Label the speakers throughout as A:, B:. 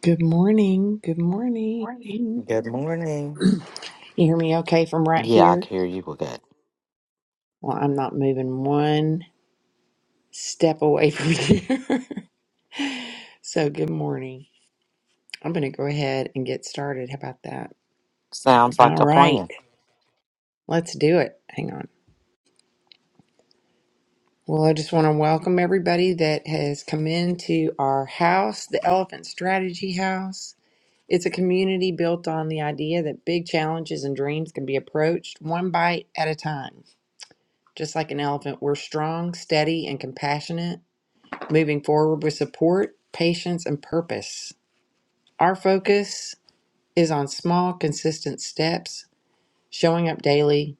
A: Good morning. Good morning.
B: Morning.
A: You
B: Good morning.
A: hear me okay from right
B: Yeah, I
A: here?
B: can hear you good.
A: Well, I'm not moving one step away from here. so, good morning. I'm going to go ahead and get started. How about that?
B: Sounds like
A: All
B: a
A: right.
B: plan.
A: Let's do it. Hang on. Well, I just want to welcome everybody that has come into our house, the Elephant Strategy House. It's a community built on the idea that big challenges and dreams can be approached one bite at a time. Just like an elephant, we're strong, steady, and compassionate, moving forward with support, patience, and purpose. Our focus is on small, consistent steps, showing up daily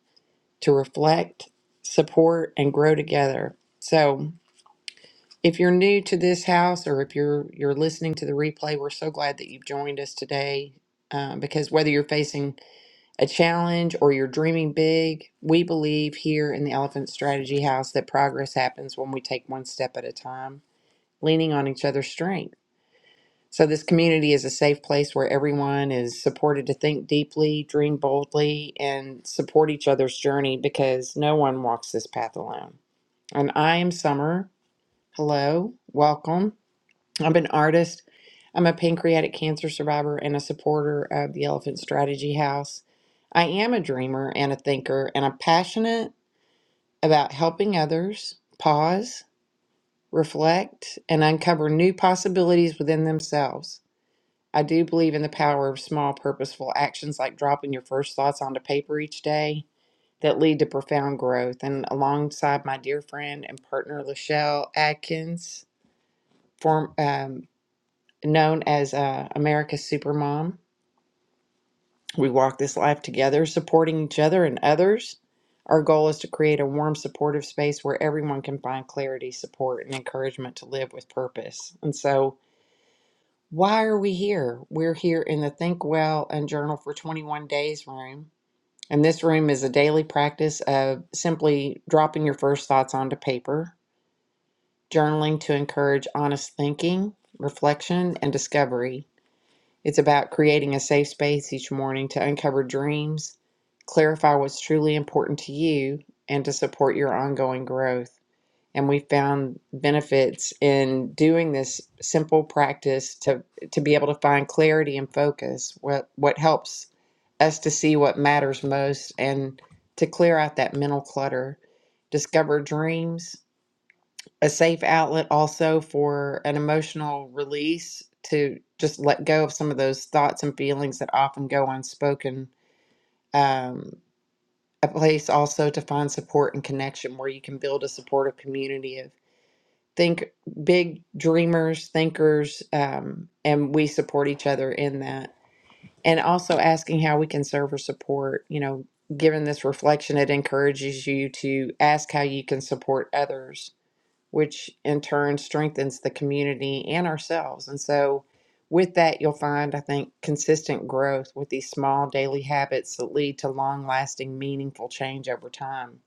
A: to reflect, support, and grow together. So, if you're new to this house or if you're you're listening to the replay, we're so glad that you've joined us today. uh, because whether you're facing a challenge or you're dreaming big, we believe here in the Elephant Strategy House that progress happens when we take one step at a time, leaning on each other's strength. So, this community is a safe place where everyone is supported to think deeply, dream boldly, and support each other's journey because no one walks this path alone. And I am Summer. Hello, welcome. I'm an artist. I'm a pancreatic cancer survivor and a supporter of the Elephant Strategy House. I am a dreamer and a thinker, and I'm passionate about helping others pause, reflect, and uncover new possibilities within themselves. I do believe in the power of small, purposeful actions like dropping your first thoughts onto paper each day that lead to profound growth. And alongside my dear friend and partner, Lachelle Atkins, form. um, known as uh, America's Supermom. We walk this life together, supporting each other and others. Our goal is to create a warm, supportive space where everyone can find clarity, support, and encouragement to live with purpose. And so, why are we here? We're here in the Think Well and Journal for 21 Days room. And this room is a daily practice of simply dropping your first thoughts onto paper, journaling to encourage honest thinking, reflection, and discovery It's about creating a safe space each morning to uncover dreams, clarify what's truly important to you, and to support your ongoing growth. And we found benefits in doing this simple practice to, to be able to find clarity and focus, what, what helps us to see what matters most and to clear out that mental clutter, discover dreams, a safe outlet also for an emotional release to just let go of some of those thoughts and feelings that often go unspoken. Um, a place also to find support and connection where you can build a supportive community of think big dreamers, thinkers, um, and we support each other in that. And also asking how we can serve or support, you know, given this reflection, it encourages you to ask how you can support others which in turn strengthens the community and ourselves. And so, with that, you'll find, I think, consistent growth with these small daily habits that lead to long lasting, meaningful change over time.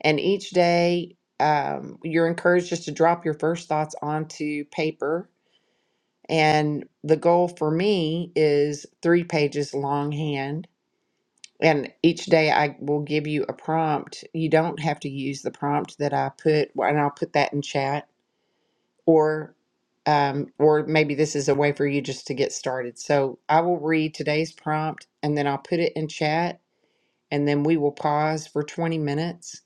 A: And each day, um, you're encouraged just to drop your first thoughts onto paper. And the goal for me is three pages longhand. And each day I will give you a prompt. You don't have to use the prompt that I put, and I'll put that in chat or um, or maybe this is a way for you just to get started. So I will read today's prompt and then I'll put it in chat and then we will pause for 20 minutes.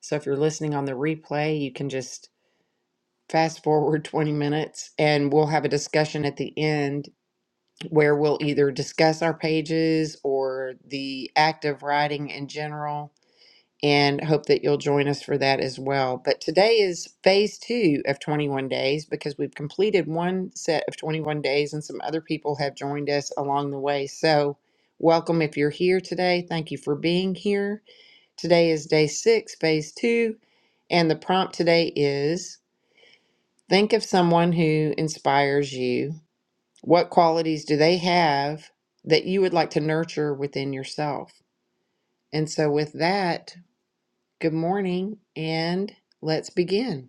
A: So if you're listening on the replay, you can just fast forward 20 minutes and we'll have a discussion at the end where we'll either discuss our pages or the act of writing in general and hope that you'll join us for that as well. But today is phase two of 21 days because we've completed one set of 21 days and some other people have joined us along the way. So, welcome if you're here today. Thank you for being here. Today is day six, phase two, and the prompt today is think of someone who inspires you. What qualities do they have that you would like to nurture within yourself? And so, with that, Good morning, and let's begin.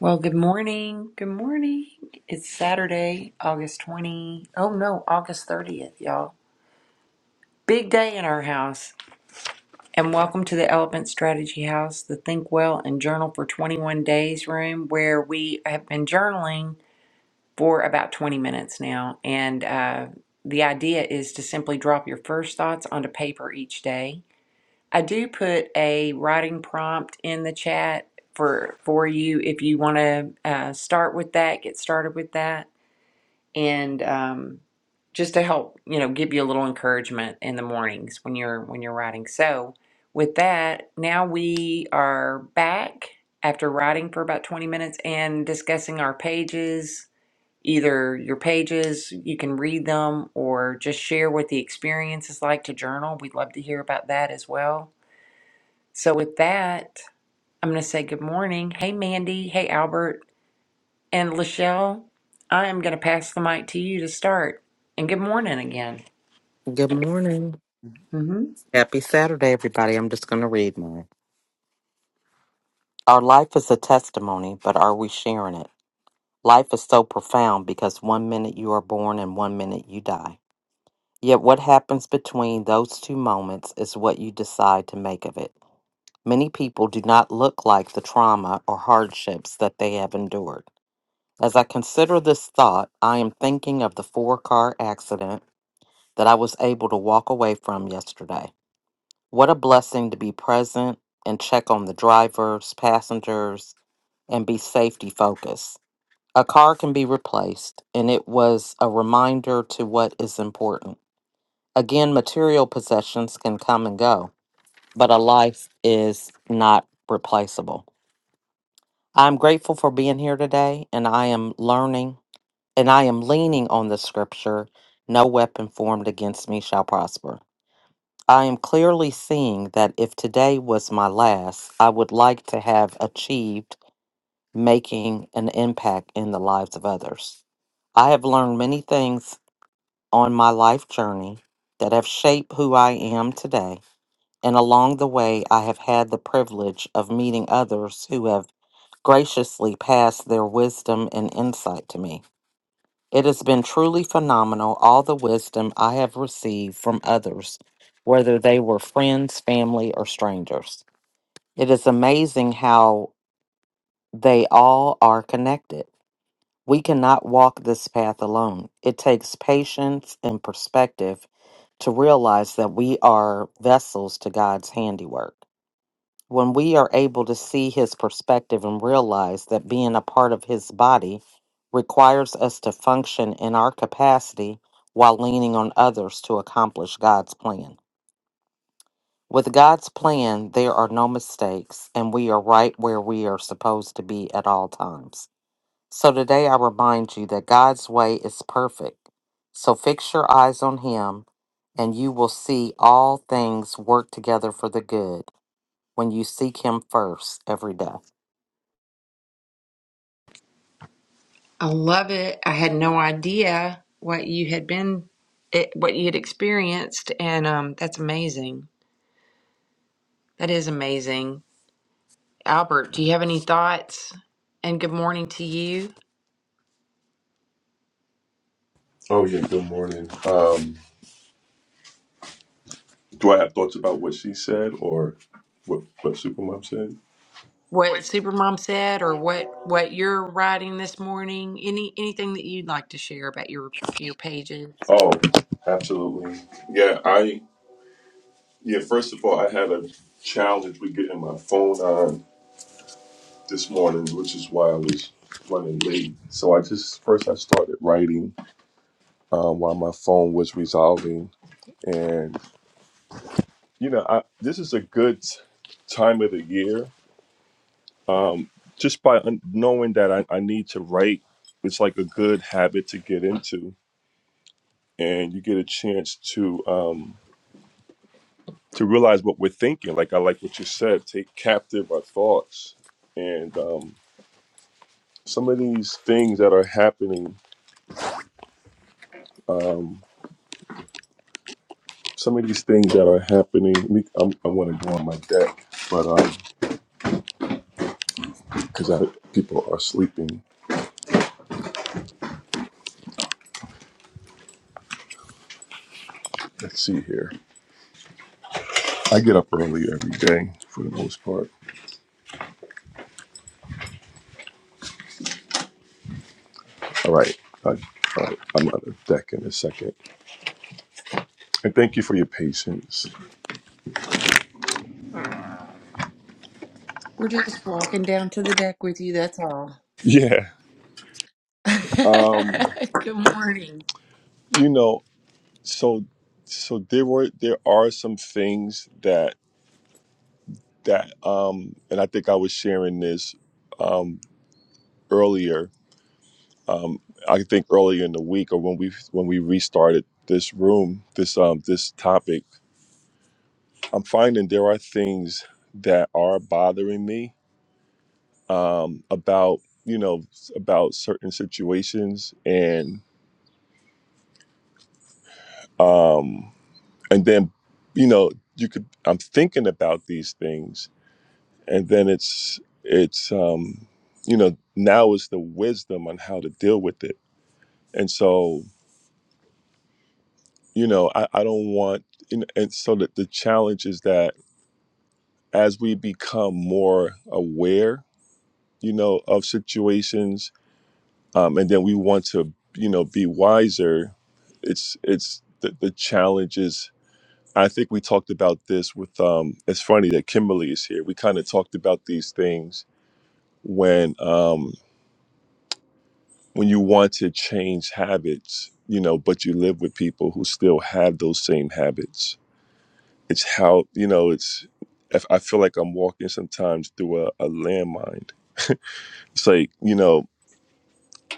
A: Well, good morning. Good morning. It's Saturday, August 20. Oh no, August 30th, y'all. Big day in our house. And welcome to the Elephant Strategy House, the Think Well and Journal for 21 Days room, where we have been journaling for about 20 minutes now. And uh, the idea is to simply drop your first thoughts onto paper each day I do put a writing prompt in the chat for for you if you want to uh, start with that, get started with that, and um, just to help you know give you a little encouragement in the mornings when you're when you're writing. So with that, now we are back after writing for about 20 minutes and discussing our pages. Either your pages, you can read them, or just share what the experience is like to journal. We'd love to hear about that as well so with that, I'm going to say good morning. Hey, Mandy. Hey, Albert. And Lachelle, I am going to pass the mic to you to start. And good morning again.
B: Good morning.
A: hmm
B: Happy Saturday, everybody. I'm just going to read mine. Our life is a testimony, but are we sharing it? Life is so profound because one minute you are born and one minute you die. Yet what happens between those two moments is what you decide to make of it. Many people do not look like the trauma or hardships that they have endured. As I consider this thought, I am thinking of the four car accident. that I was able to walk away from yesterday. What a blessing to be present and check on the drivers, passengers, and be safety focused. A car can be replaced, and it was a reminder to what is important. Again, material possessions can come and go, but a life is not replaceable. I'm grateful for being here today, and I am learning and I am leaning on the scripture no weapon formed against me shall prosper. I am clearly seeing that if today was my last, I would like to have achieved making an impact in the lives of others. I have learned many things on my life journey that have shaped who I am today. And along the way, I have had the privilege of meeting others who have graciously passed their wisdom and insight to me. It has been truly phenomenal, all the wisdom I have received from others, whether they were friends, family, or strangers. It is amazing how they all are connected. We cannot walk this path alone. It takes patience and perspective to realize that we are vessels to God's handiwork when we are able to see his perspective and realize that being a part of his body requires us to function in our capacity while leaning on others to accomplish God's plan. With God's plan, there are no mistakes, and we are right where we are supposed to be at all times. So today I remind you that God's way is perfect. So fix your eyes on Him, and you will see all things work together for the good when you seek Him first every day.
A: I love it. I had no idea what you had been, it, what you had experienced, and um, that's amazing. That is amazing. Albert, do you have any thoughts? And good morning to you.
C: Oh yeah, good morning. Um, do I have thoughts about what she said or what what Supermom said?
A: What Supermom said, or what what you're writing this morning? Any anything that you'd like to share about your your pages?
C: Oh, absolutely. Yeah, I yeah. First of all, I had a challenge with getting my phone on this morning, which is why I was running late. So I just first I started writing um, while my phone was resolving, and you know, I, this is a good t- time of the year um, just by un- knowing that I, I need to write, it's like a good habit to get into, and you get a chance to um, to realize what we're thinking. Like I like what you said, take captive our thoughts, and um, some of these things that are happening, um, some of these things that are happening. let me- I'm, I want to go on my deck, but um, because people are sleeping. Let's see here. I get up early every day for the most part All right. I, I, I'm on the deck in a second. And thank you for your patience.
A: We're just walking down to the deck with you, that's all.
C: Yeah. Um,
A: Good morning.
C: you know, so so there were there are some things that that um and I think I was sharing this um earlier. Um I think earlier in the week or when we when we restarted this room, this um this topic, I'm finding there are things that are bothering me um, about you know about certain situations and um, and then you know you could I'm thinking about these things and then it's it's um, you know now is the wisdom on how to deal with it and so you know I, I don't want and, and so that the challenge is that as we become more aware you know of situations um, and then we want to you know be wiser it's it's the, the challenges i think we talked about this with um it's funny that kimberly is here we kind of talked about these things when um when you want to change habits you know but you live with people who still have those same habits it's how you know it's if i feel like i'm walking sometimes through a, a landmine it's like you know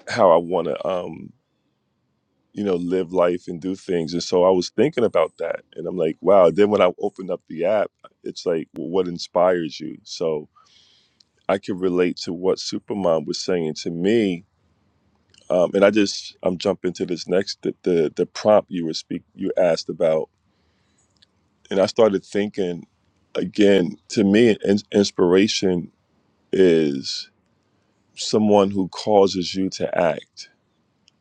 C: how i want to um you know, live life and do things. And so I was thinking about that. And I'm like, wow. Then when I opened up the app, it's like, well, what inspires you? So I can relate to what Supermom was saying to me. Um, and I just, I'm jumping to this next, the, the, the prompt you were speak, you asked about. And I started thinking again, to me, in, inspiration is someone who causes you to act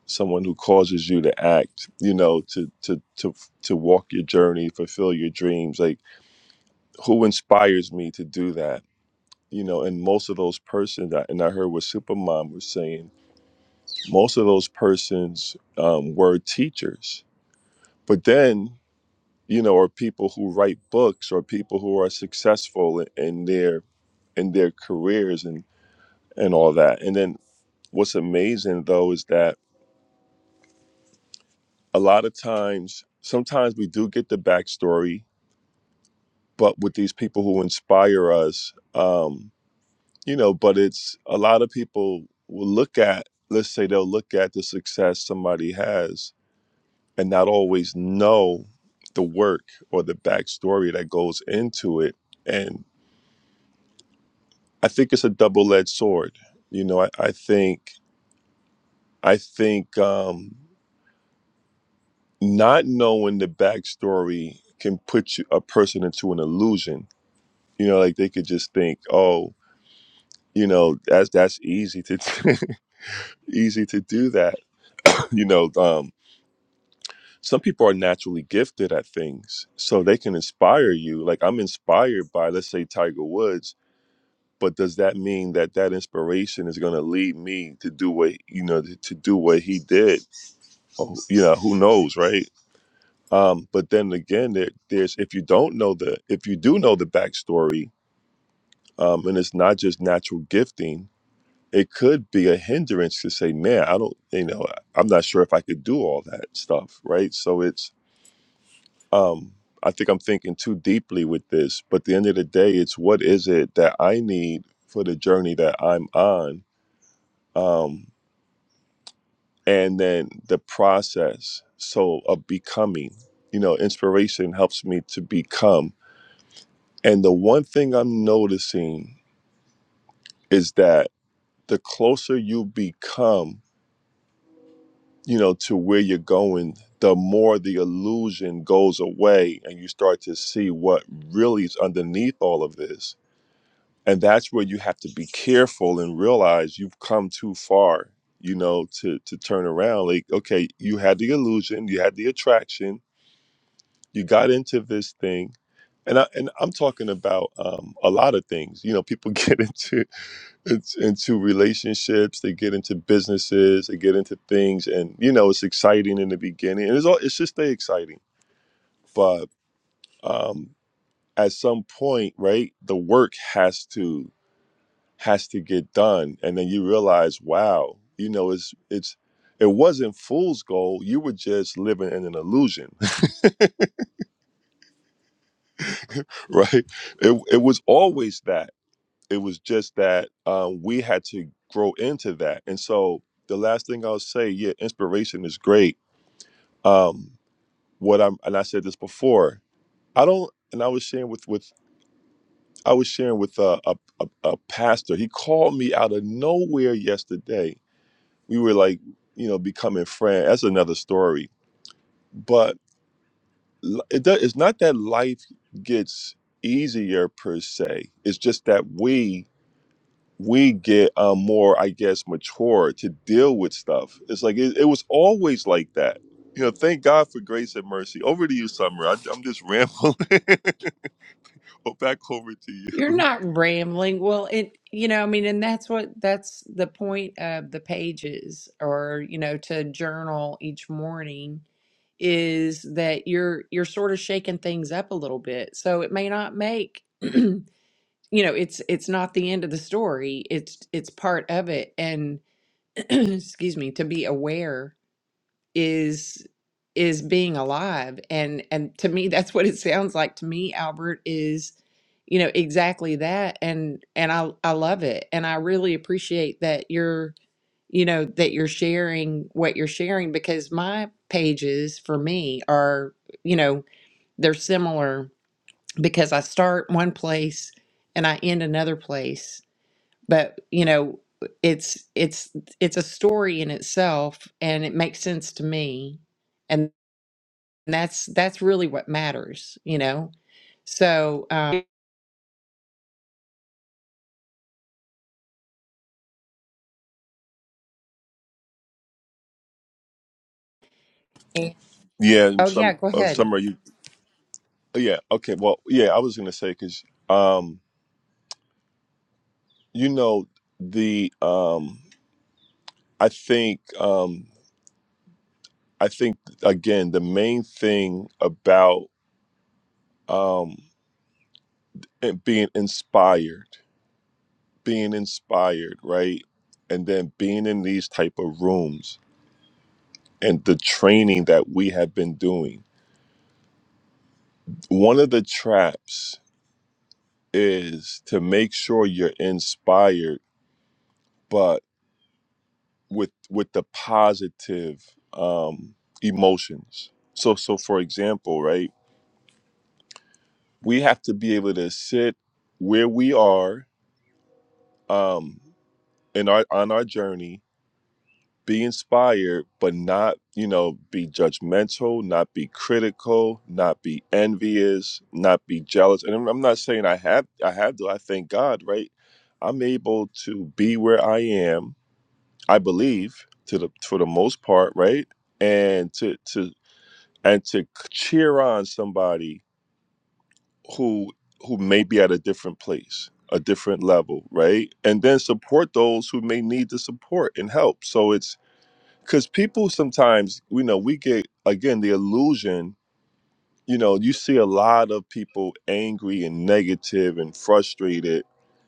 C: someone who causes you to act you know to to to to walk your journey fulfill your dreams like who inspires me to do that you know and most of those persons and i heard what supermom was saying most of those persons um, were teachers but then you know are people who write books or people who are successful in, in their in their careers and and all that and then what's amazing though is that a lot of times sometimes we do get the backstory but with these people who inspire us um you know but it's a lot of people will look at let's say they'll look at the success somebody has and not always know the work or the backstory that goes into it and i think it's a double-edged sword you know i, I think i think um not knowing the backstory can put you, a person into an illusion you know like they could just think oh you know that's that's easy to easy to do that. You know, um, some people are naturally gifted at things, so they can inspire you. Like I'm inspired by, let's say, Tiger Woods, but does that mean that that inspiration is going to lead me to do what you know to, to do what he did? Oh, you know, who knows, right? Um, but then again, there, there's if you don't know the if you do know the backstory, um, and it's not just natural gifting. it could be a hindrance to say, man, I don't, you know, I'm not sure if I could do all that stuff, right? So it's, um, I think I'm thinking too deeply with this, but at the end of the day, it's what is it that I need for the journey that I'm on, um, and then the process. So of becoming, you know, inspiration helps me to become. And the one thing I'm noticing is that the closer you become you know, to where you're going, the more the illusion goes away and you start to see what really is underneath all of this. And that's where you have to be careful and realize you've come too far, you know, to to turn around. Like, okay, you had the illusion, you had the attraction, you got into this thing. And I and I'm talking about um, a lot of things. You know, people get into it's into relationships they get into businesses they get into things and you know it's exciting in the beginning and it's all it's just stay exciting but um at some point right the work has to has to get done and then you realize wow you know it's it's it wasn't fool's gold you were just living in an illusion right it, it was always that it was just that um, we had to grow into that and so the last thing i'll say yeah inspiration is great um what i'm and i said this before i don't and i was sharing with with i was sharing with uh, a, a a pastor he called me out of nowhere yesterday we were like you know becoming friends that's another story but l- it does, it's not that life gets easier per se it's just that we we get um, more, I guess, mature to deal with stuff. It's like it, it was always like that. You know, thank God for grace and mercy. Over to you, Summer. I, I'm just rambling. well, back over to you.
A: You're not rambling. Well, it, you know, I mean, and that's what that's the point of the pages or, you know, to journal each morning is that you're you're sort of shaking things up a little bit. So it may not make, you know, it's it's not the end of the story. It's it's part of it and excuse me, to be aware is is being alive and and to me that's what it sounds like to me Albert is you know exactly that and and I I love it and I really appreciate that you're you know that you're sharing what you're sharing because my pages for me are you know they're similar because I start one place and I end another place but you know it's it's it's a story in itself and it makes sense to me and. And that's that's really what matters, you know. So, um, oh
C: Yeah, and some
A: yeah, go
C: uh,
A: ahead.
C: Summer. You, yeah, okay. Well, yeah, I was gonna say because um, you know the um, I think um, I think again the main thing about um, it being inspired. being inspired right and then being in these type of rooms and the training that we have been doing one of the traps is to make sure you're inspired but with with the positive um emotions so so for example right we have to be able to sit where we are um in our on our journey be inspired, but not, you know, be judgmental, not be critical, not be envious, not be jealous. And I'm I'm not saying I have, I have to. I thank God, right? I'm able to be where I am. I believe to the for the most part, right? And to to and to cheer on somebody who who may be at a different place, a different level, right? And then support those who may need the support and help. So it's because people sometimes you know we get again the illusion you know you see a lot of people angry and negative and frustrated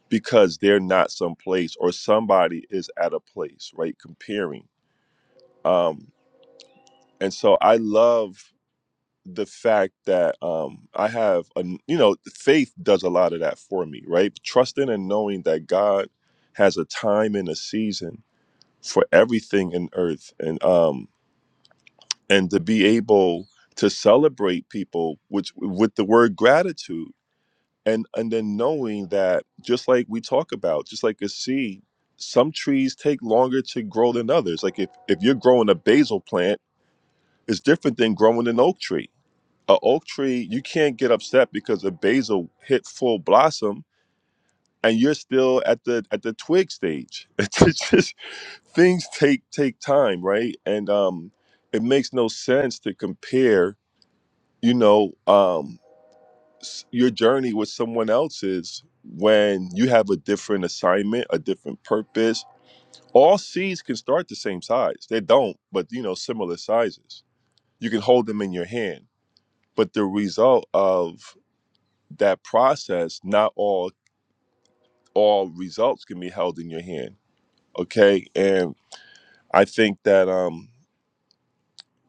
C: because they're not someplace or somebody is at a place right comparing um and so i love the fact that um i have a you know faith does a lot of that for me right trusting and knowing that god has a time and a season for everything in earth and um and to be able to celebrate people which with the word gratitude and and then knowing that just like we talk about just like a seed some trees take longer to grow than others like if if you're growing a basil plant it's different than growing an oak tree a oak tree you can't get upset because a basil hit full blossom and you're still at the at the twig stage it's just things take take time right and um it makes no sense to compare you know um s- your journey with someone else's when you have a different assignment a different purpose all seeds can start the same size they don't but you know similar sizes you can hold them in your hand but the result of that process not all all results can be held in your hand okay and i think that um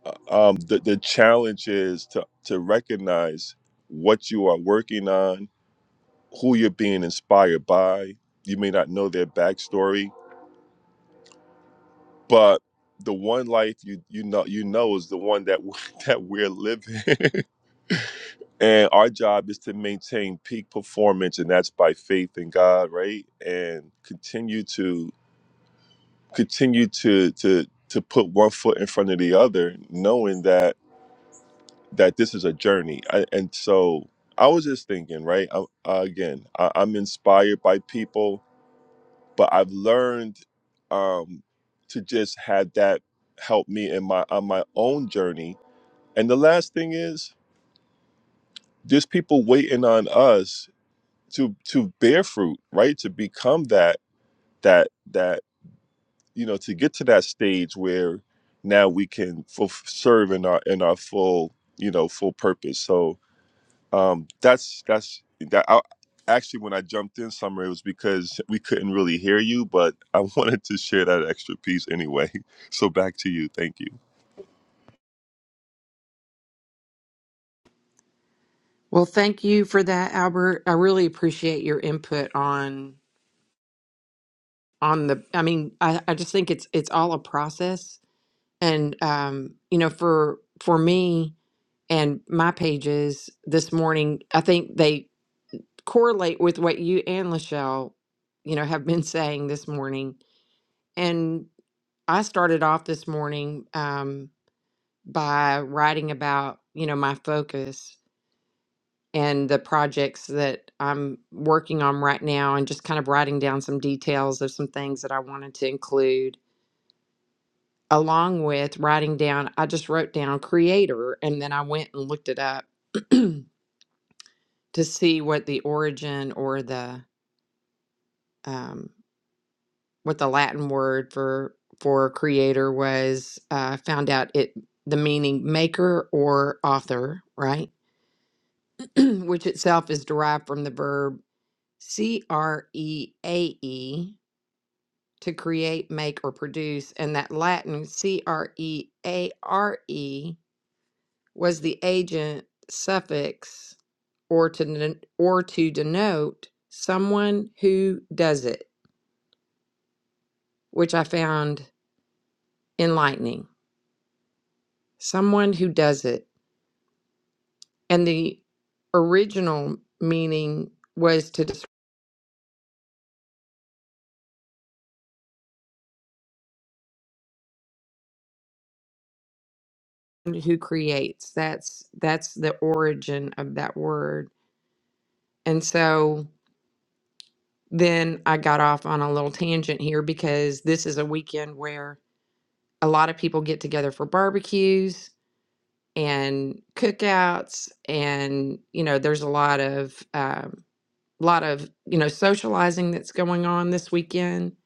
C: uh, um the, the challenge is to to recognize what you are working on who you're being inspired by. You may not know their backstory, but the one life you you know you know is the one that we- that we're living. and our job is to maintain peak performance and that's by faith in God, right? And continue to continue to to to put one foot in front of the other, knowing that that this is a journey. I, and so I was just thinking, right? I, uh, again, I, I'm inspired by people but I've learned um, to just have that help me in my on my own journey. And the last thing is, there's people waiting on us to to bear fruit, right? To become that that that you know to get to that stage where now we can fulf serve in our in our full you know full purpose. So Um, that's that's that. I, actually, when I jumped in, summer, it was because we couldn't really hear you, but I wanted to share that extra piece anyway. So back to you. Thank you.
A: Well, thank you for that, Albert. I really appreciate your input on on the I mean, I, I just think it's it's all a process. And um, you know, for for me and my pages this morning, I think they correlate with what you and Lachelle, you know, have been saying this morning. And I started off this morning. Um, by writing about, you know, my focus and the projects that I'm working on right now and just kind of writing down some details of some things that I wanted to include. Along with writing down, I just wrote down creator and then I went and looked it up to see what the origin or the um, what the Latin word for for creator was. Uh, found out it the meaning maker or author, right? which itself is derived from the verb C R E A E, to create, make, or produce, and that Latin C R E A R E was the agent suffix or to den- or to denote someone who does it, which I found enlightening. Someone who does it, and the original meaning was to. who creates that's that's the origin of that word and so then i got off on a little tangent here because this is a weekend where a lot of people get together for barbecues and cookouts and you know there's a lot of um, lot of you know socializing that's going on this weekend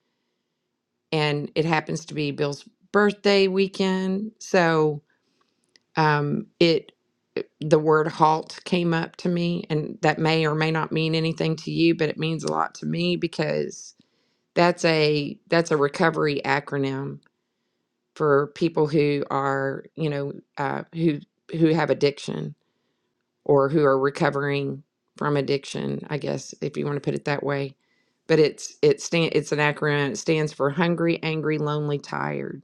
A: and it happens to be bill's birthday weekend so um, it the word halt came up to me and that may or may not mean anything to you but it means a lot to me because that's a that's a recovery acronym for people who are you know uh, who who have addiction or who are recovering from addiction i guess if you want to put it that way but it's it stand it's an acronym it stands for hungry angry lonely tired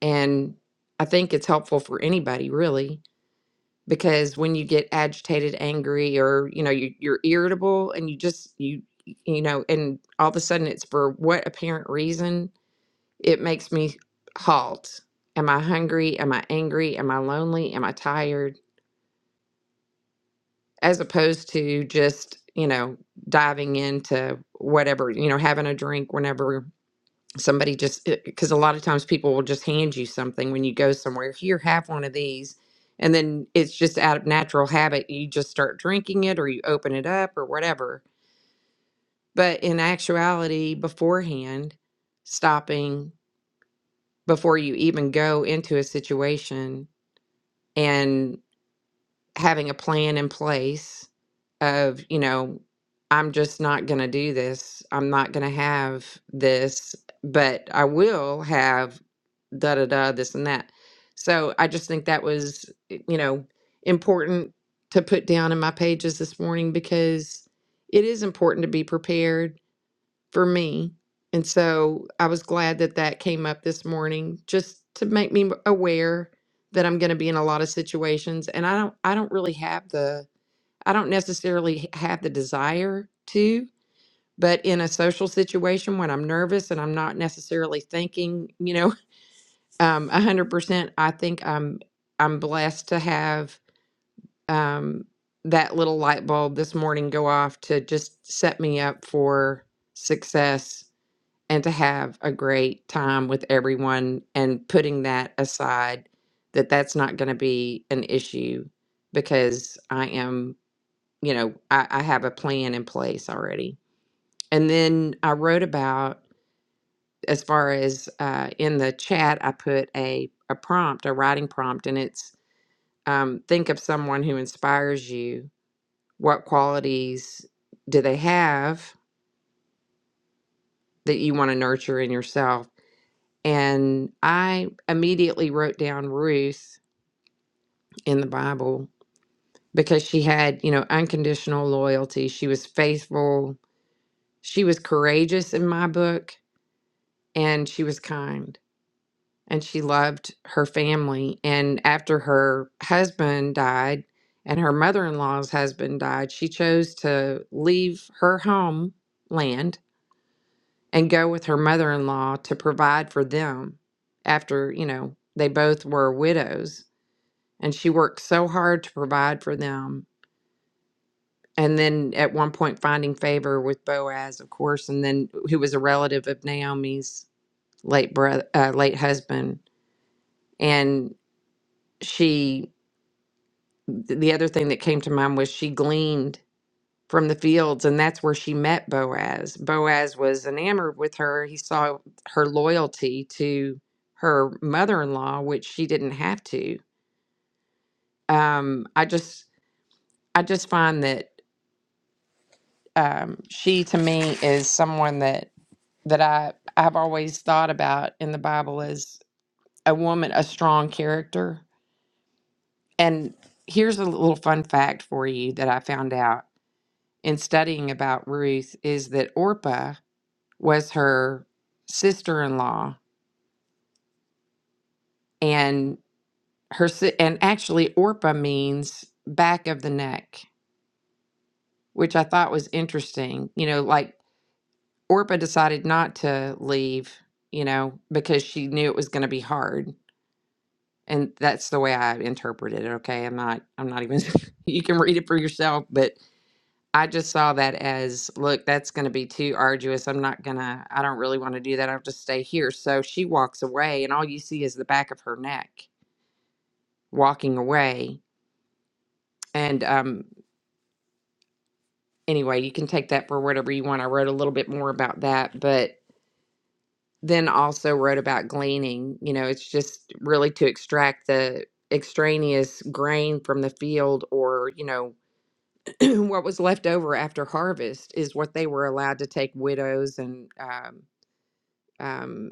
A: and i think it's helpful for anybody really because when you get agitated angry or you know you, you're irritable and you just you you know and all of a sudden it's for what apparent reason it makes me halt am i hungry am i angry am i lonely am i tired as opposed to just you know diving into whatever you know having a drink whenever somebody just because a lot of times people will just hand you something when you go somewhere here have one of these and then it's just out of natural habit you just start drinking it or you open it up or whatever but in actuality beforehand stopping before you even go into a situation and. having a plan in place of, you know, I'm just not going to do this. I'm not going to have this, but I will have da da da, this and that. So I just think that was, y- you know, important to put down in my pages this morning because it is important to be prepared for me. And so I was glad that that came up this morning just to make me aware that I'm going to be in a lot of situations and I don't I don't really have the I don't necessarily h- have the desire to, but in a social situation when I'm nervous and I'm not necessarily thinking, you know, um 100%, I think I'm I'm blessed to have um that little light bulb this morning go off to just set me up for success and to have a great time with everyone and putting that aside that that's not going to be an issue because i am you know I, I have a plan in place already and then i wrote about as far as uh, in the chat i put a, a prompt a writing prompt and it's um, think of someone who inspires you what qualities do they have that you want to nurture in yourself And I immediately wrote down Ruth in the Bible because she had, you know, unconditional loyalty. She was faithful. She was courageous in my book and she was kind and she loved her family. And after her husband died and her mother in law's husband died, she chose to leave her homeland and go with her mother in law to provide for them after, you know, they both were widows and she worked so hard to provide for them. And then at one point, finding favor with Boaz, of course, and then who was a relative of Naomi's late brother, uh, late husband. And she, th- the other thing that came to mind was she gleaned from the fields, and that's where she met Boaz. Boaz was enamored with her. He saw her loyalty to her mother-in-law, which she didn't have to. Um, I just, I just find that um, she to me is someone that that I I've always thought about in the Bible as a woman, a strong character. And here's a little fun fact for you that I found out in studying about Ruth is that Orpah was her sister-in-law, and her si- and actually Orpah means back of the neck, which I thought was interesting. You know, like Orpa decided not to leave, you know, because she knew it was going to be hard. And that's the way I interpreted it. Okay. I'm not, I'm not even, you can read it for yourself, but I just saw that as, look, that's going to be too arduous. I'm not going to, I don't really want to do that. I'll just stay here. So she walks away, and all you see is the back of her neck walking away. And um, anyway, you can take that for whatever you want. I wrote a little bit more about that, but then also wrote about gleaning. You know, it's just really to extract the extraneous grain from the field or, you know, what was left over after harvest is what they were allowed to take widows and, um, um,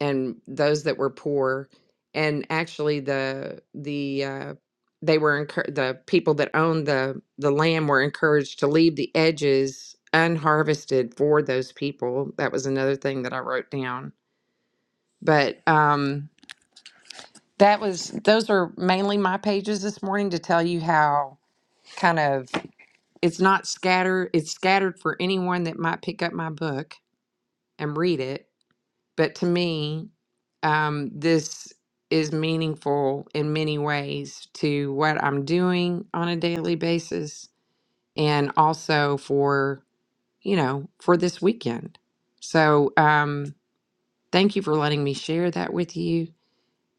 A: and those that were poor. And actually the, the, uh, they were encour- the people that owned the the land were encouraged to leave the edges unharvested for those people. That was another thing that I wrote down. But um That was those are mainly my pages this morning to tell you how kind of it's not scattered, it's scattered for anyone that might pick up my book and read it. But to me, um, this is meaningful in many ways to what I'm doing on a daily basis and also for, you know, for this weekend. So um thank you for letting me share that with you.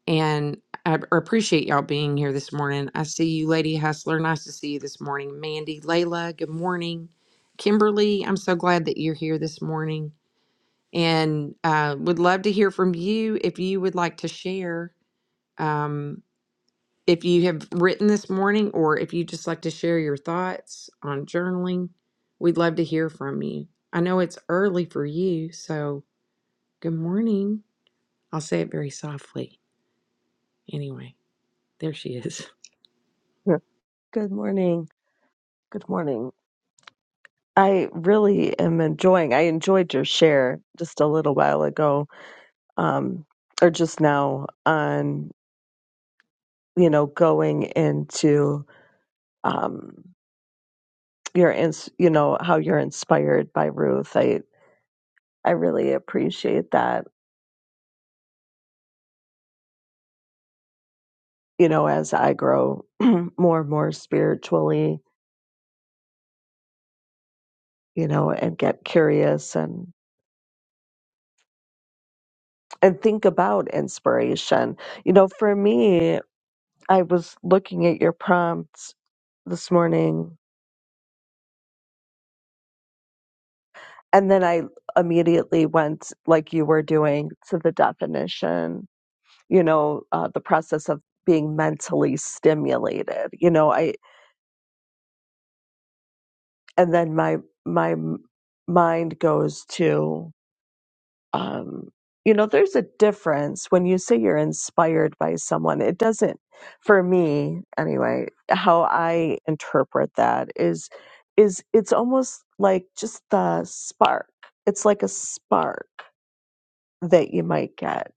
A: and I b- appreciate y'all being here this morning. I see you, Lady Hustler. Nice to see you this morning. Mandy, Layla, good morning. Kimberly, I'm so glad that you're here this morning and uh, would love to hear from you if you would like to share. Um, if you have written this morning or if you just like to share your thoughts on journaling, we'd love to hear from you. I know it's early for you, so good morning. I'll say it very softly. Anyway, there she is.
D: Sure. Good morning. Good morning. I really am enjoying. I enjoyed your share just a little while ago, um, or just now on you know going into um, your ins, you know how you're inspired by Ruth. I I really appreciate that. You know, as I grow more and more spiritually, you know, and get curious and and think about inspiration. You know, for me. I was looking at your prompts this morning and then I immediately went like you were doing to the definition, you know, uh, the process of being mentally stimulated. You know, I and then my my m- mind goes to um, you know, there's a difference when you say you're inspired by someone. It doesn't, for me anyway, how I interpret that is, is it's almost like just the spark. It's like a spark that you might get,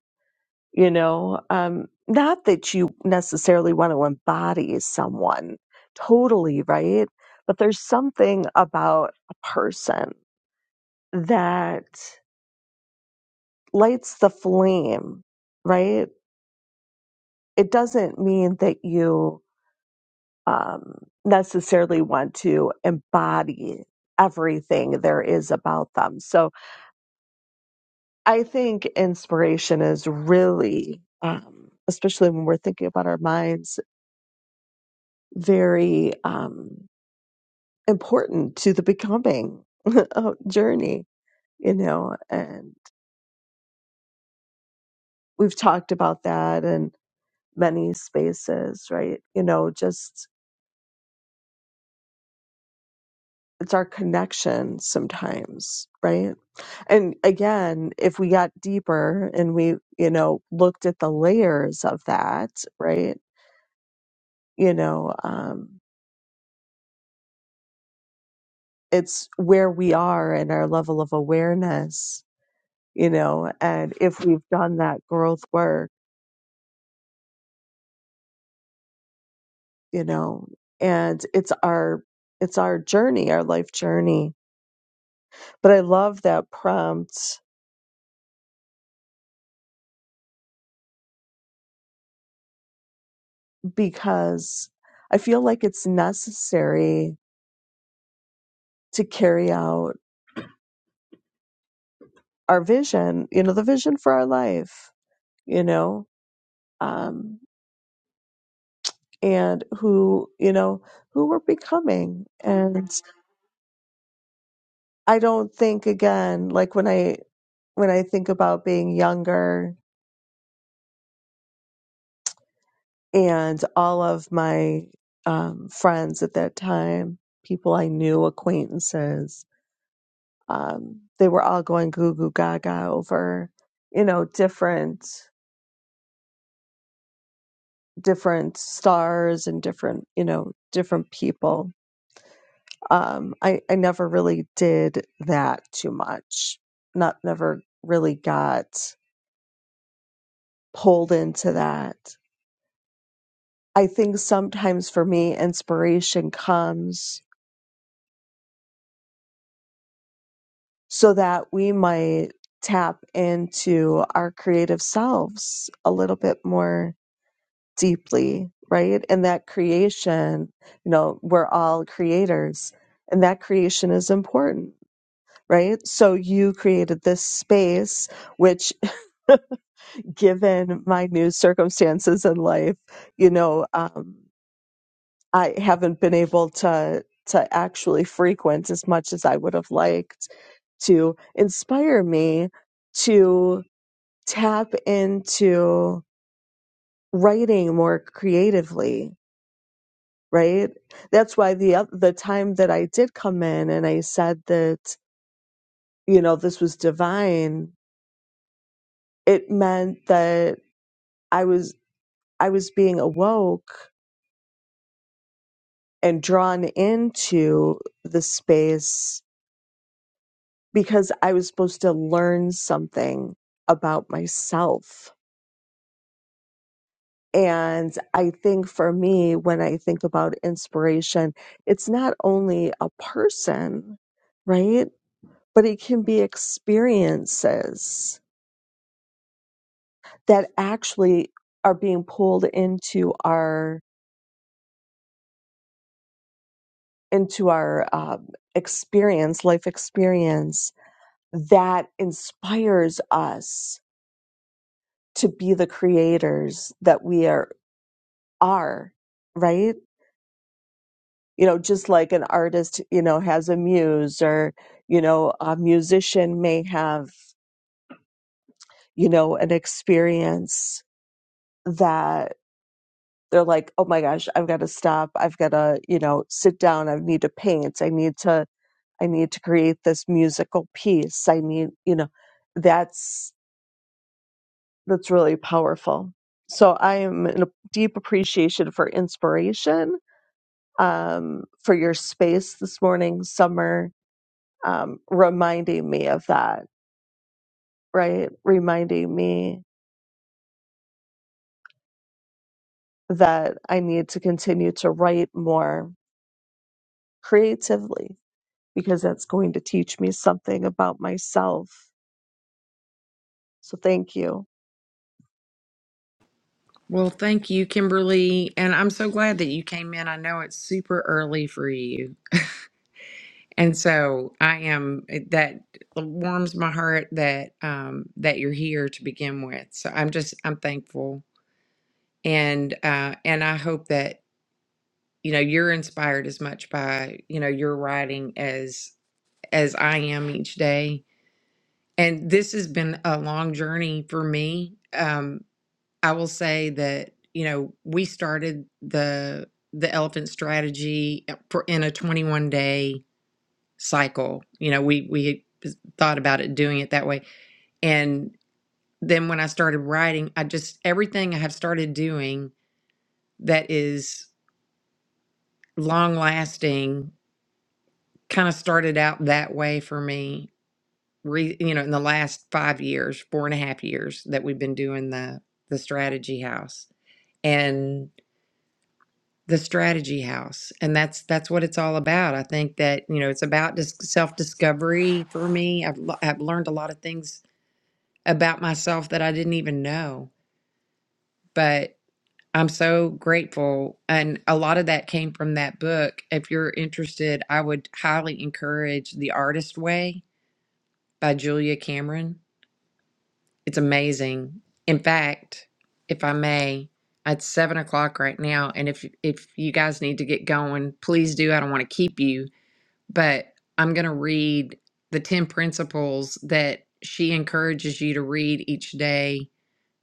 D: you know, um, not that you necessarily want to embody someone totally, right? But there's something about a person that lights the flame, right? it doesn't mean that you um, necessarily want to embody everything there is about them. So I think inspiration is really, um, especially when we're thinking about our minds, very um, important to the becoming journey, you know, and we've talked about that in many spaces, right? You know, just it's our connection sometimes right and again if we got deeper and we you know looked at the layers of that right you know um it's where we are and our level of awareness you know and if we've done that growth work you know and it's our it's our journey our life journey but i love that prompt because i feel like it's necessary to carry out our vision, you know, the vision for our life, you know, um, and who, you know, who we're becoming. And I don't think again, like when I when I think about being younger and all of my um, friends at that time, people I knew, acquaintances, um, they were all going goo goo gaga over, you know, different different stars and different, you know, different people Um, I, I never really did that too much. Not never really got pulled into that. I think sometimes for me, inspiration comes so that we might tap into our creative selves a little bit more deeply, right? And that creation, you know, we're all creators and that creation is important, right? So you created this space, which given my new circumstances in life, you know, um, I haven't been able to to actually frequent as much as I would have liked to inspire me to tap into writing more creatively. Right. That's why the oth- the time that I did come in and I said that you know this was divine. It meant that I was I was being awoke and drawn into the space because I was supposed to learn something about myself. And I think for me, when I think about inspiration, it's not only a person, right? But it can be experiences that actually are being pulled into our into our um, experience, life experience that inspires us to be the creators that we are are right you know just like an artist you know has a muse or you know a musician may have you know an experience that they're like oh my gosh i've got to stop i've got to you know sit down i need to paint i need to i need to create this musical piece i need you know that's that's really powerful so i am in a deep appreciation for inspiration um, for your space this morning, Summer, um, reminding me of that, right? Reminding me that I need to continue to write more creatively because that's going to teach me something about myself. So thank you.
A: Well, thank you, Kimberly. And I'm so glad that you came in. I know it's super early for you. And so I am, eh, that warms my heart that, um, that you're here to begin with. So I'm just, I'm thankful. And, uh, and I hope that, you know, you're inspired as much by, you know, your writing as, as I am each day. And this has been a long journey for me. Um, I will say that, you know, we started the the elephant strategy uh, for- in a 21 day cycle. You know, we we thought about it doing it that way. And then when I started writing, I just everything I have started doing that is long lasting kind of started out that way for me. Re, you know, in the last five years, four and a half years that we've been doing the the strategy house. the strategy house and that's that's what it's all about i think that you know it's about dis- self-discovery for me I've, l- I've learned a lot of things about myself that i didn't even know but i'm so grateful and a lot of that came from that book if you're interested i would highly encourage the artist way by julia cameron it's amazing in fact if i may it's seven o'clock right now and if if you guys need to get going please do i don't want to keep you but I'm going to read the 10 principles that she encourages you to read each day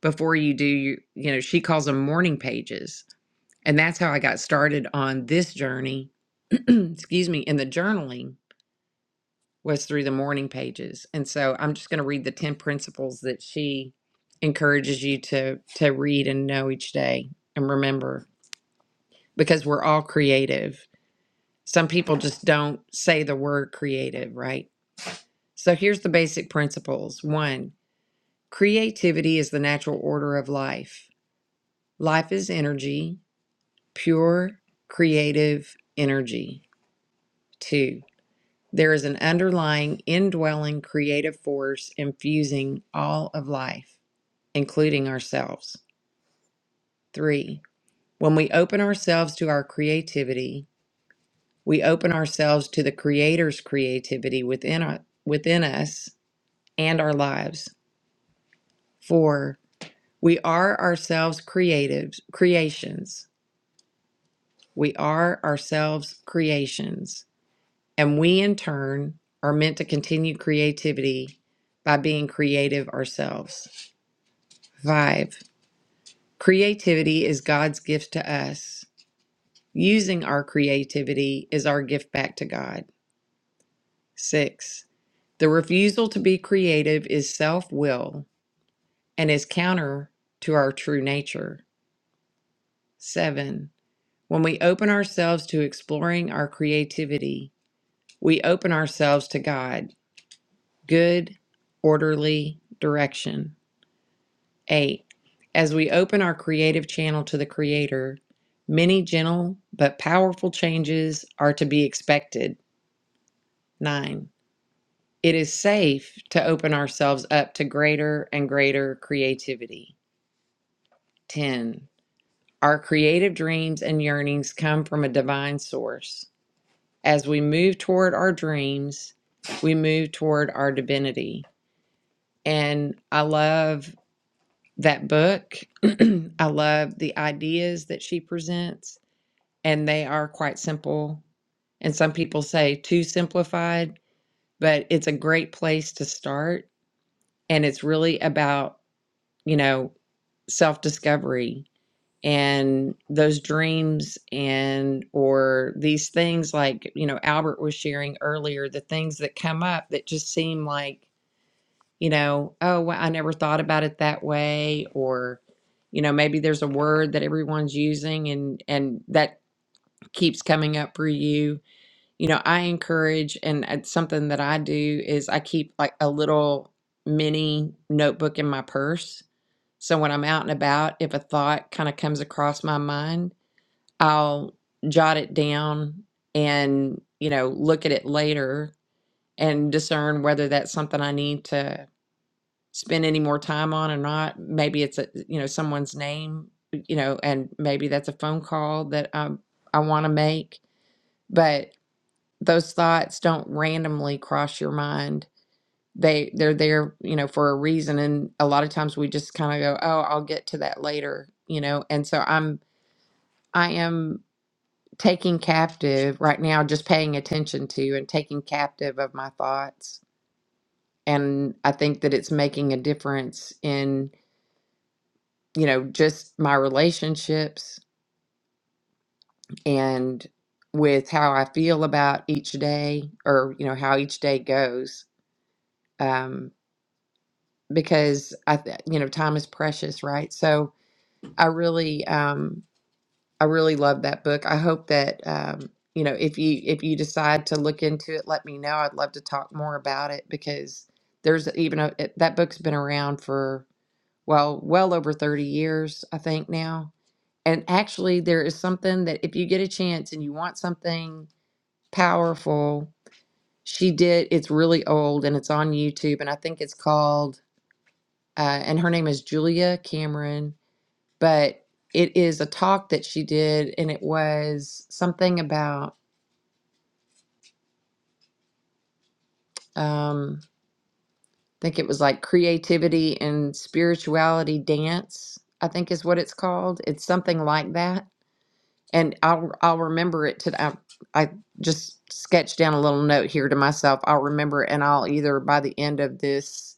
A: before you do you, you know she calls them morning pages and that's how I got started on this journey excuse me in the journaling was through the morning pages and so I'm just going to read the 10 principles that she encourages you to to read and know each day and remember because we're all creative some people just don't say the word creative right So here's the basic principles. One, creativity is the natural order of life. Life is energy, pure, creative energy. Two, there is an underlying, indwelling creative force infusing all of life, including ourselves. Three, when we open ourselves to our creativity, we open ourselves to the Creator's creativity within, our, within us and our lives. Four, We are ourselves creatives, creations. We are ourselves creations. And we, in turn, are meant to continue creativity by being creative ourselves. Five, creativity is God's gift to us. Using our creativity is our gift back to God. Six, the refusal to be creative is self will and is counter to our true nature. Seven, When we open ourselves to exploring our creativity, we open ourselves to God, good, orderly direction. 8. As we open our creative channel to the Creator, many gentle but powerful changes are to be expected. 9. It is safe to open ourselves up to greater and greater creativity. 10. Our creative dreams and yearnings come from a divine source. as we move toward our dreams, we move toward our divinity. And I love that book. I love the ideas that she presents, and they are quite simple. And some people say too simplified, but it's a great place to start. And it's really about, you know, self discovery and those dreams and or these things like you know albert was sharing earlier the things that come up that just seem like you know oh well, i never thought about it that way or you know maybe there's a word that everyone's using and and that keeps coming up for you you know i encourage and it's something that i do is i keep like a little mini notebook in my purse so when i'm out and about if a thought kind of comes across my mind I'll jot it down and, you know, look at it later and discern whether that's something I need to spend any more time on or not. Maybe it's a, you know, someone's name, you know, and maybe that's a phone call that I I want to make, but those thoughts don't randomly cross your mind. They they're there, you know, for a reason and a lot of times we just kind of go, "Oh, I'll get to that later," you know. And so I'm I am taking captive right now, just paying attention to and taking captive of my thoughts. And I think that it's making a difference in, you know, just my relationships and with how I feel about each day or, you know, how each day goes. Um, because I, th- you know, time is precious, right? So I really, um, I really love that book. I hope that um, you know if you if you decide to look into it, let me know. I'd love to talk more about it because there's even a it- that book's been around for well well over 30 years, I think now. And actually, there is something that if you get a chance and you want something powerful, she did. It's really old and it's on YouTube, and I think it's called. Uh, and her name is Julia Cameron but it is a talk that she did, and it was something about, um, I think it was like creativity and spirituality dance, I think is what it's called. It's something like that. And I'll, I'll remember it today. I, I just sketched down a little note here to myself. I'll remember it, and I'll either by the end of this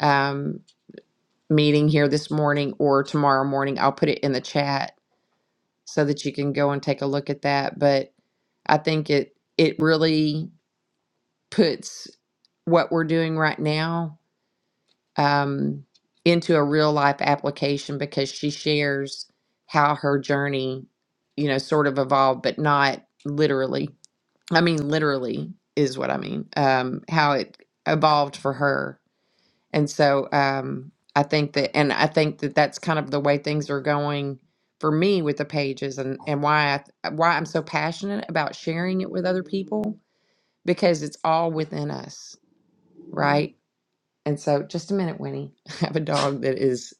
A: um, meeting here this morning or tomorrow morning, I'll put it in the chat so that you can go and take a look at that. But I think it it really puts what we're doing right now um, into a real life application because she shares how her journey, you know, sort of evolved, but not literally. I mean, literally is what I mean. Um, how it evolved for her and so um, I think that, and I think that that's kind of the way things are going for me with the pages, and and why I, th- why I'm so passionate about sharing it with other people because it's all within us, right? And so, just a minute, Winnie. I have a dog that is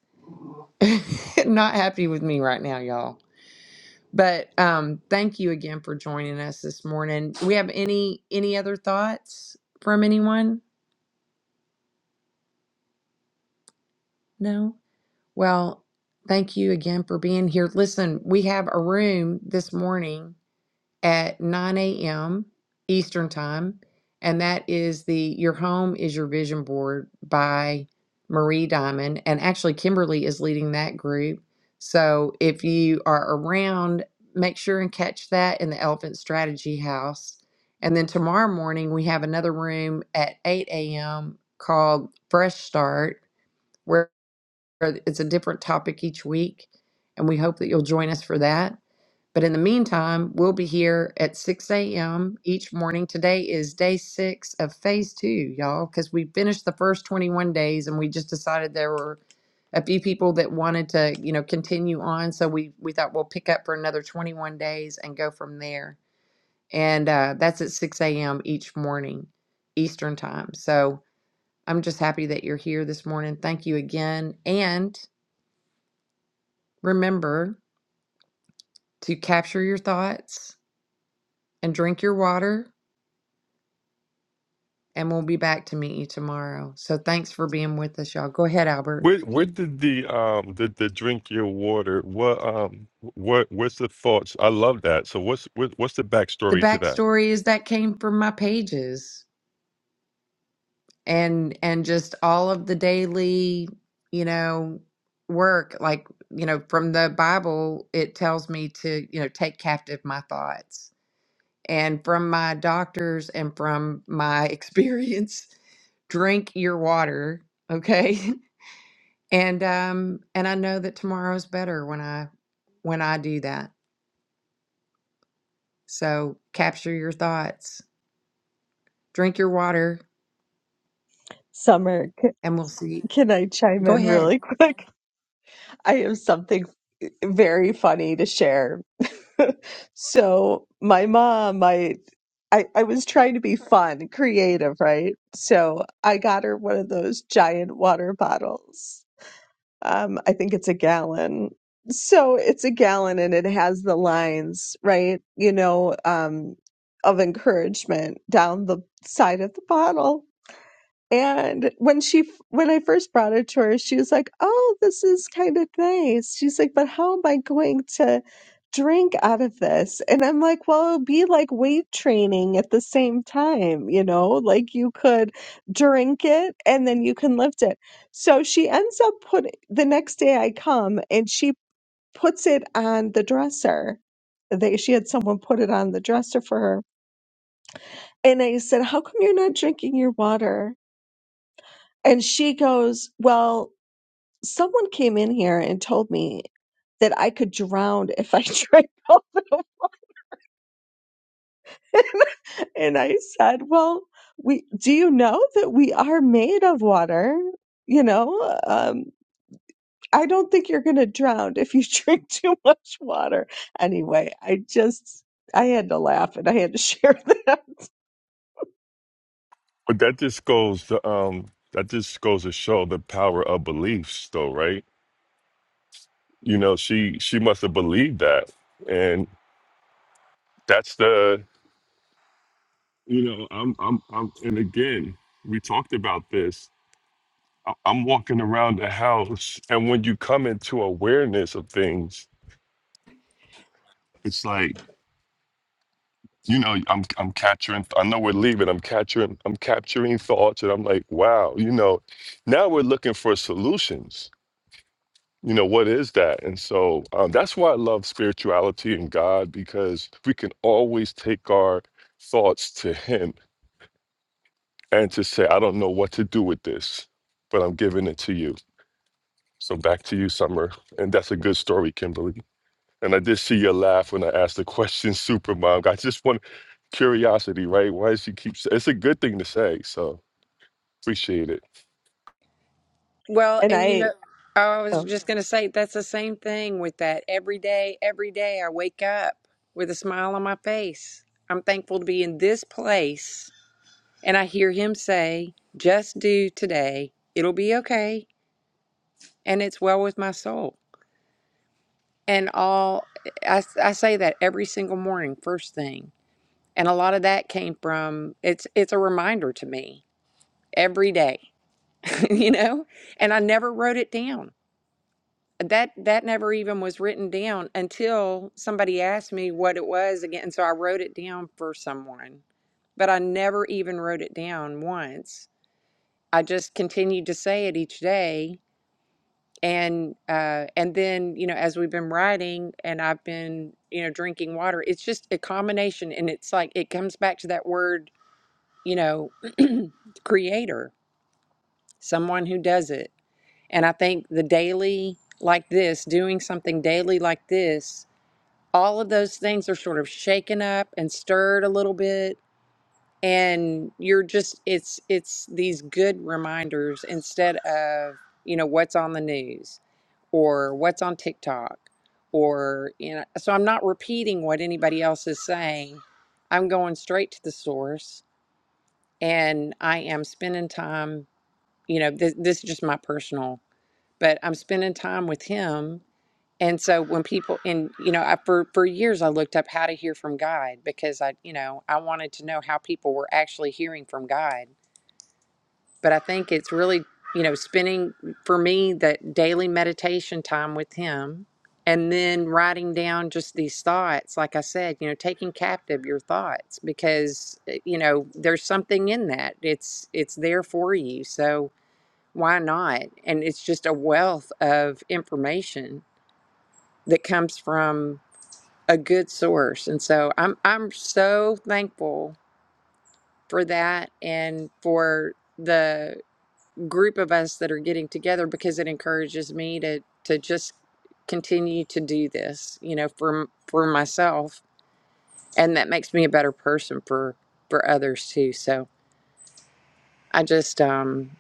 A: not happy with me right now, y'all. But um, thank you again for joining us this morning. Do we have any any other thoughts from anyone? No. Well, thank you again for being here. Listen, we have a room this morning at 9 a.m. Eastern Time, and that is the Your Home is Your Vision Board by Marie Diamond. And actually, Kimberly is leading that group. So if you are around, make sure and catch that in the Elephant Strategy House. And then tomorrow morning, we have another room at 8 a.m. called Fresh Start it's a different topic each week, and we hope that you'll join us for that. But in the meantime, we'll be here at 6 a.m. each morning. Today is day six of phase two, y'all, because we finished the first 21 days and we just decided there were a few people that wanted to, you know, continue on. So we, we thought we'll pick up for another 21 days and go from there. And uh, that's at 6 a.m. each morning, Eastern time. So I'm just happy that you're here this morning. Thank you again. And Remember to capture your thoughts and drink your water, and we'll be back to meet you tomorrow. So thanks for being with us, y'all. Go ahead, Albert.
C: Where where did the um the, the drink your water? What um what what's the thoughts? I love that. So what's what, what's the
A: The
C: backstory to that?
A: backstory is that came from my pages and and just all of the daily, you know, work. Like, you know, from the Bible, it tells me to, you know, take captive my thoughts. And from my doctors and from my experience, drink your water, okay? And um and I know that tomorrow's better when I when I do that. So capture your thoughts, drink your water,
D: Summer, c-
A: and we'll see.
D: can I chime
A: Go
D: in
A: ahead.
D: really quick? I have something eh, very funny to share So my mom, I, I I was trying to be fun, creative, right? So I got her one of those giant water bottles. Um, I think it's a gallon. So it's a gallon and it has the lines, right? You know, um, of encouragement down the side of the bottle. And when she, when I first brought it to her, she was like, "Oh, this is kind of nice." She's like, "But how am I going to drink out of this?" And I'm like, "Well, it'll be like weight training at the same time, you know, like you could drink it and then you can lift it." So she ends up putting the next day I come and she puts it on the dresser. They she had someone put it on the dresser for her. And I said, "How come you're not drinking your water?" And she goes, Well, someone came in here and told me that I could drown if I drank all of it. And I said, Well, we do you know that we are made of water? You know, um, I don't think you're going to drown if you drink too much water. Anyway, I just, I had to laugh and I had to share that.
C: But that just goes to um that just goes to show the power of beliefs, though, right? You know, she she must have believed that, and that's the you know i'm i'm, I'm and again we talked about this I- i'm walking around the house and when you come into awareness of things it's like you know i'm i'm capturing i know we're leaving i'm capturing i'm capturing thoughts and i'm like wow you know now we're looking for solutions you know what is that and so um, that's why i love spirituality and god because we can always take our thoughts to him and to say i don't know what to do with this but i'm giving it to you So back to you, Summer. And that's a good story, Kimberly. And I did see your laugh when I asked the question, Supermom. I just want curiosity, right? Why does she keep? It's a good thing to say, so appreciate it.
A: Well,
D: And
A: and you
D: I,
A: know, oh, I
D: oh.
A: was just going to say that's the same thing with that. Every day, every day I wake up with a smile on my face. I'm thankful to be in this place. And I hear him say, just do today. It'll be okay. And it's well with my soul. and all I I say that every single morning first thing and a lot of that came from it's it's a reminder to me every day you know and i never wrote it down that that never even was written down until somebody asked me what it was again and so i wrote it down for someone but i never even wrote it down once i just continued to say it each day and uh and then you know as we've been riding and i've been you know drinking water it's just a combination and it's like it comes back to that word you know creator someone who does it and i think the daily like this doing something daily like this all of those things are sort of shaken up and stirred a little bit and you're just it's it's these good reminders instead of you know what's on the news or what's on TikTok or you know so I'm not repeating what anybody else is saying I'm going straight to the source and I am spending time you know this, this is just my personal but I'm spending time with Him. And so when people, and you know, I, for for years I looked up how to hear from God because I, you know, I wanted to know how people were actually hearing from God. But I think it's really, you know, spending for me that daily meditation time with Him, and then writing down just these thoughts. Like I said, you know, taking captive your thoughts because eh, you know there's something in that. It's it's there for you. So why not? And it's just a wealth of information that comes from a good source. And so I'm I'm so thankful for that and for the group of us that are getting together because it encourages me to to just continue to do this, you know, for m- for myself and that makes me a better person for for others too. So I just um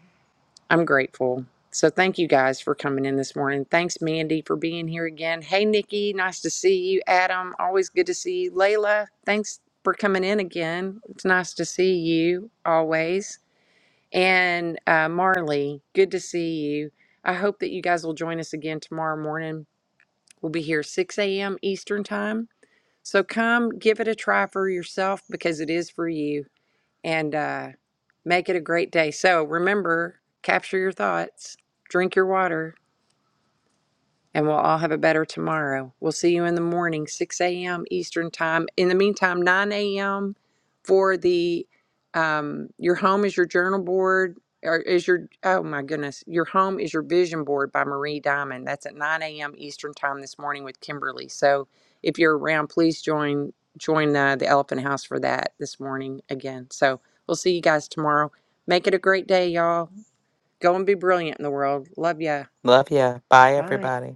A: I'm grateful. So thank you guys for coming in this morning. Thanks, Mandy, for being here again. Hey, Nikki, nice to see you. Adam, always good to see you. Layla, thanks for coming in again. It's nice to see you always. And uh, Marley, good to see you. I hope that you guys will join us again tomorrow morning. We'll be here 6 a.m. Eastern time. So come give it a try for yourself because it is for you and uh, make it a great day. So remember, capture your thoughts, drink your water, and we'll all have a better tomorrow. We'll see you in the morning, 6 a.m. Eastern time. In the meantime, 9 a.m. for the um, your home is your journal board, or is your oh my goodness, your home is your vision board by Marie Diamond. That's at 9 a.m. Eastern time this morning with Kimberly. So if you're around, please join join uh, the Elephant House for that this morning again. So we'll see you guys tomorrow. Make it a great day, y'all. Go and be brilliant in the world. Love ya.
B: Love ya. Bye,
A: Bye.
B: everybody.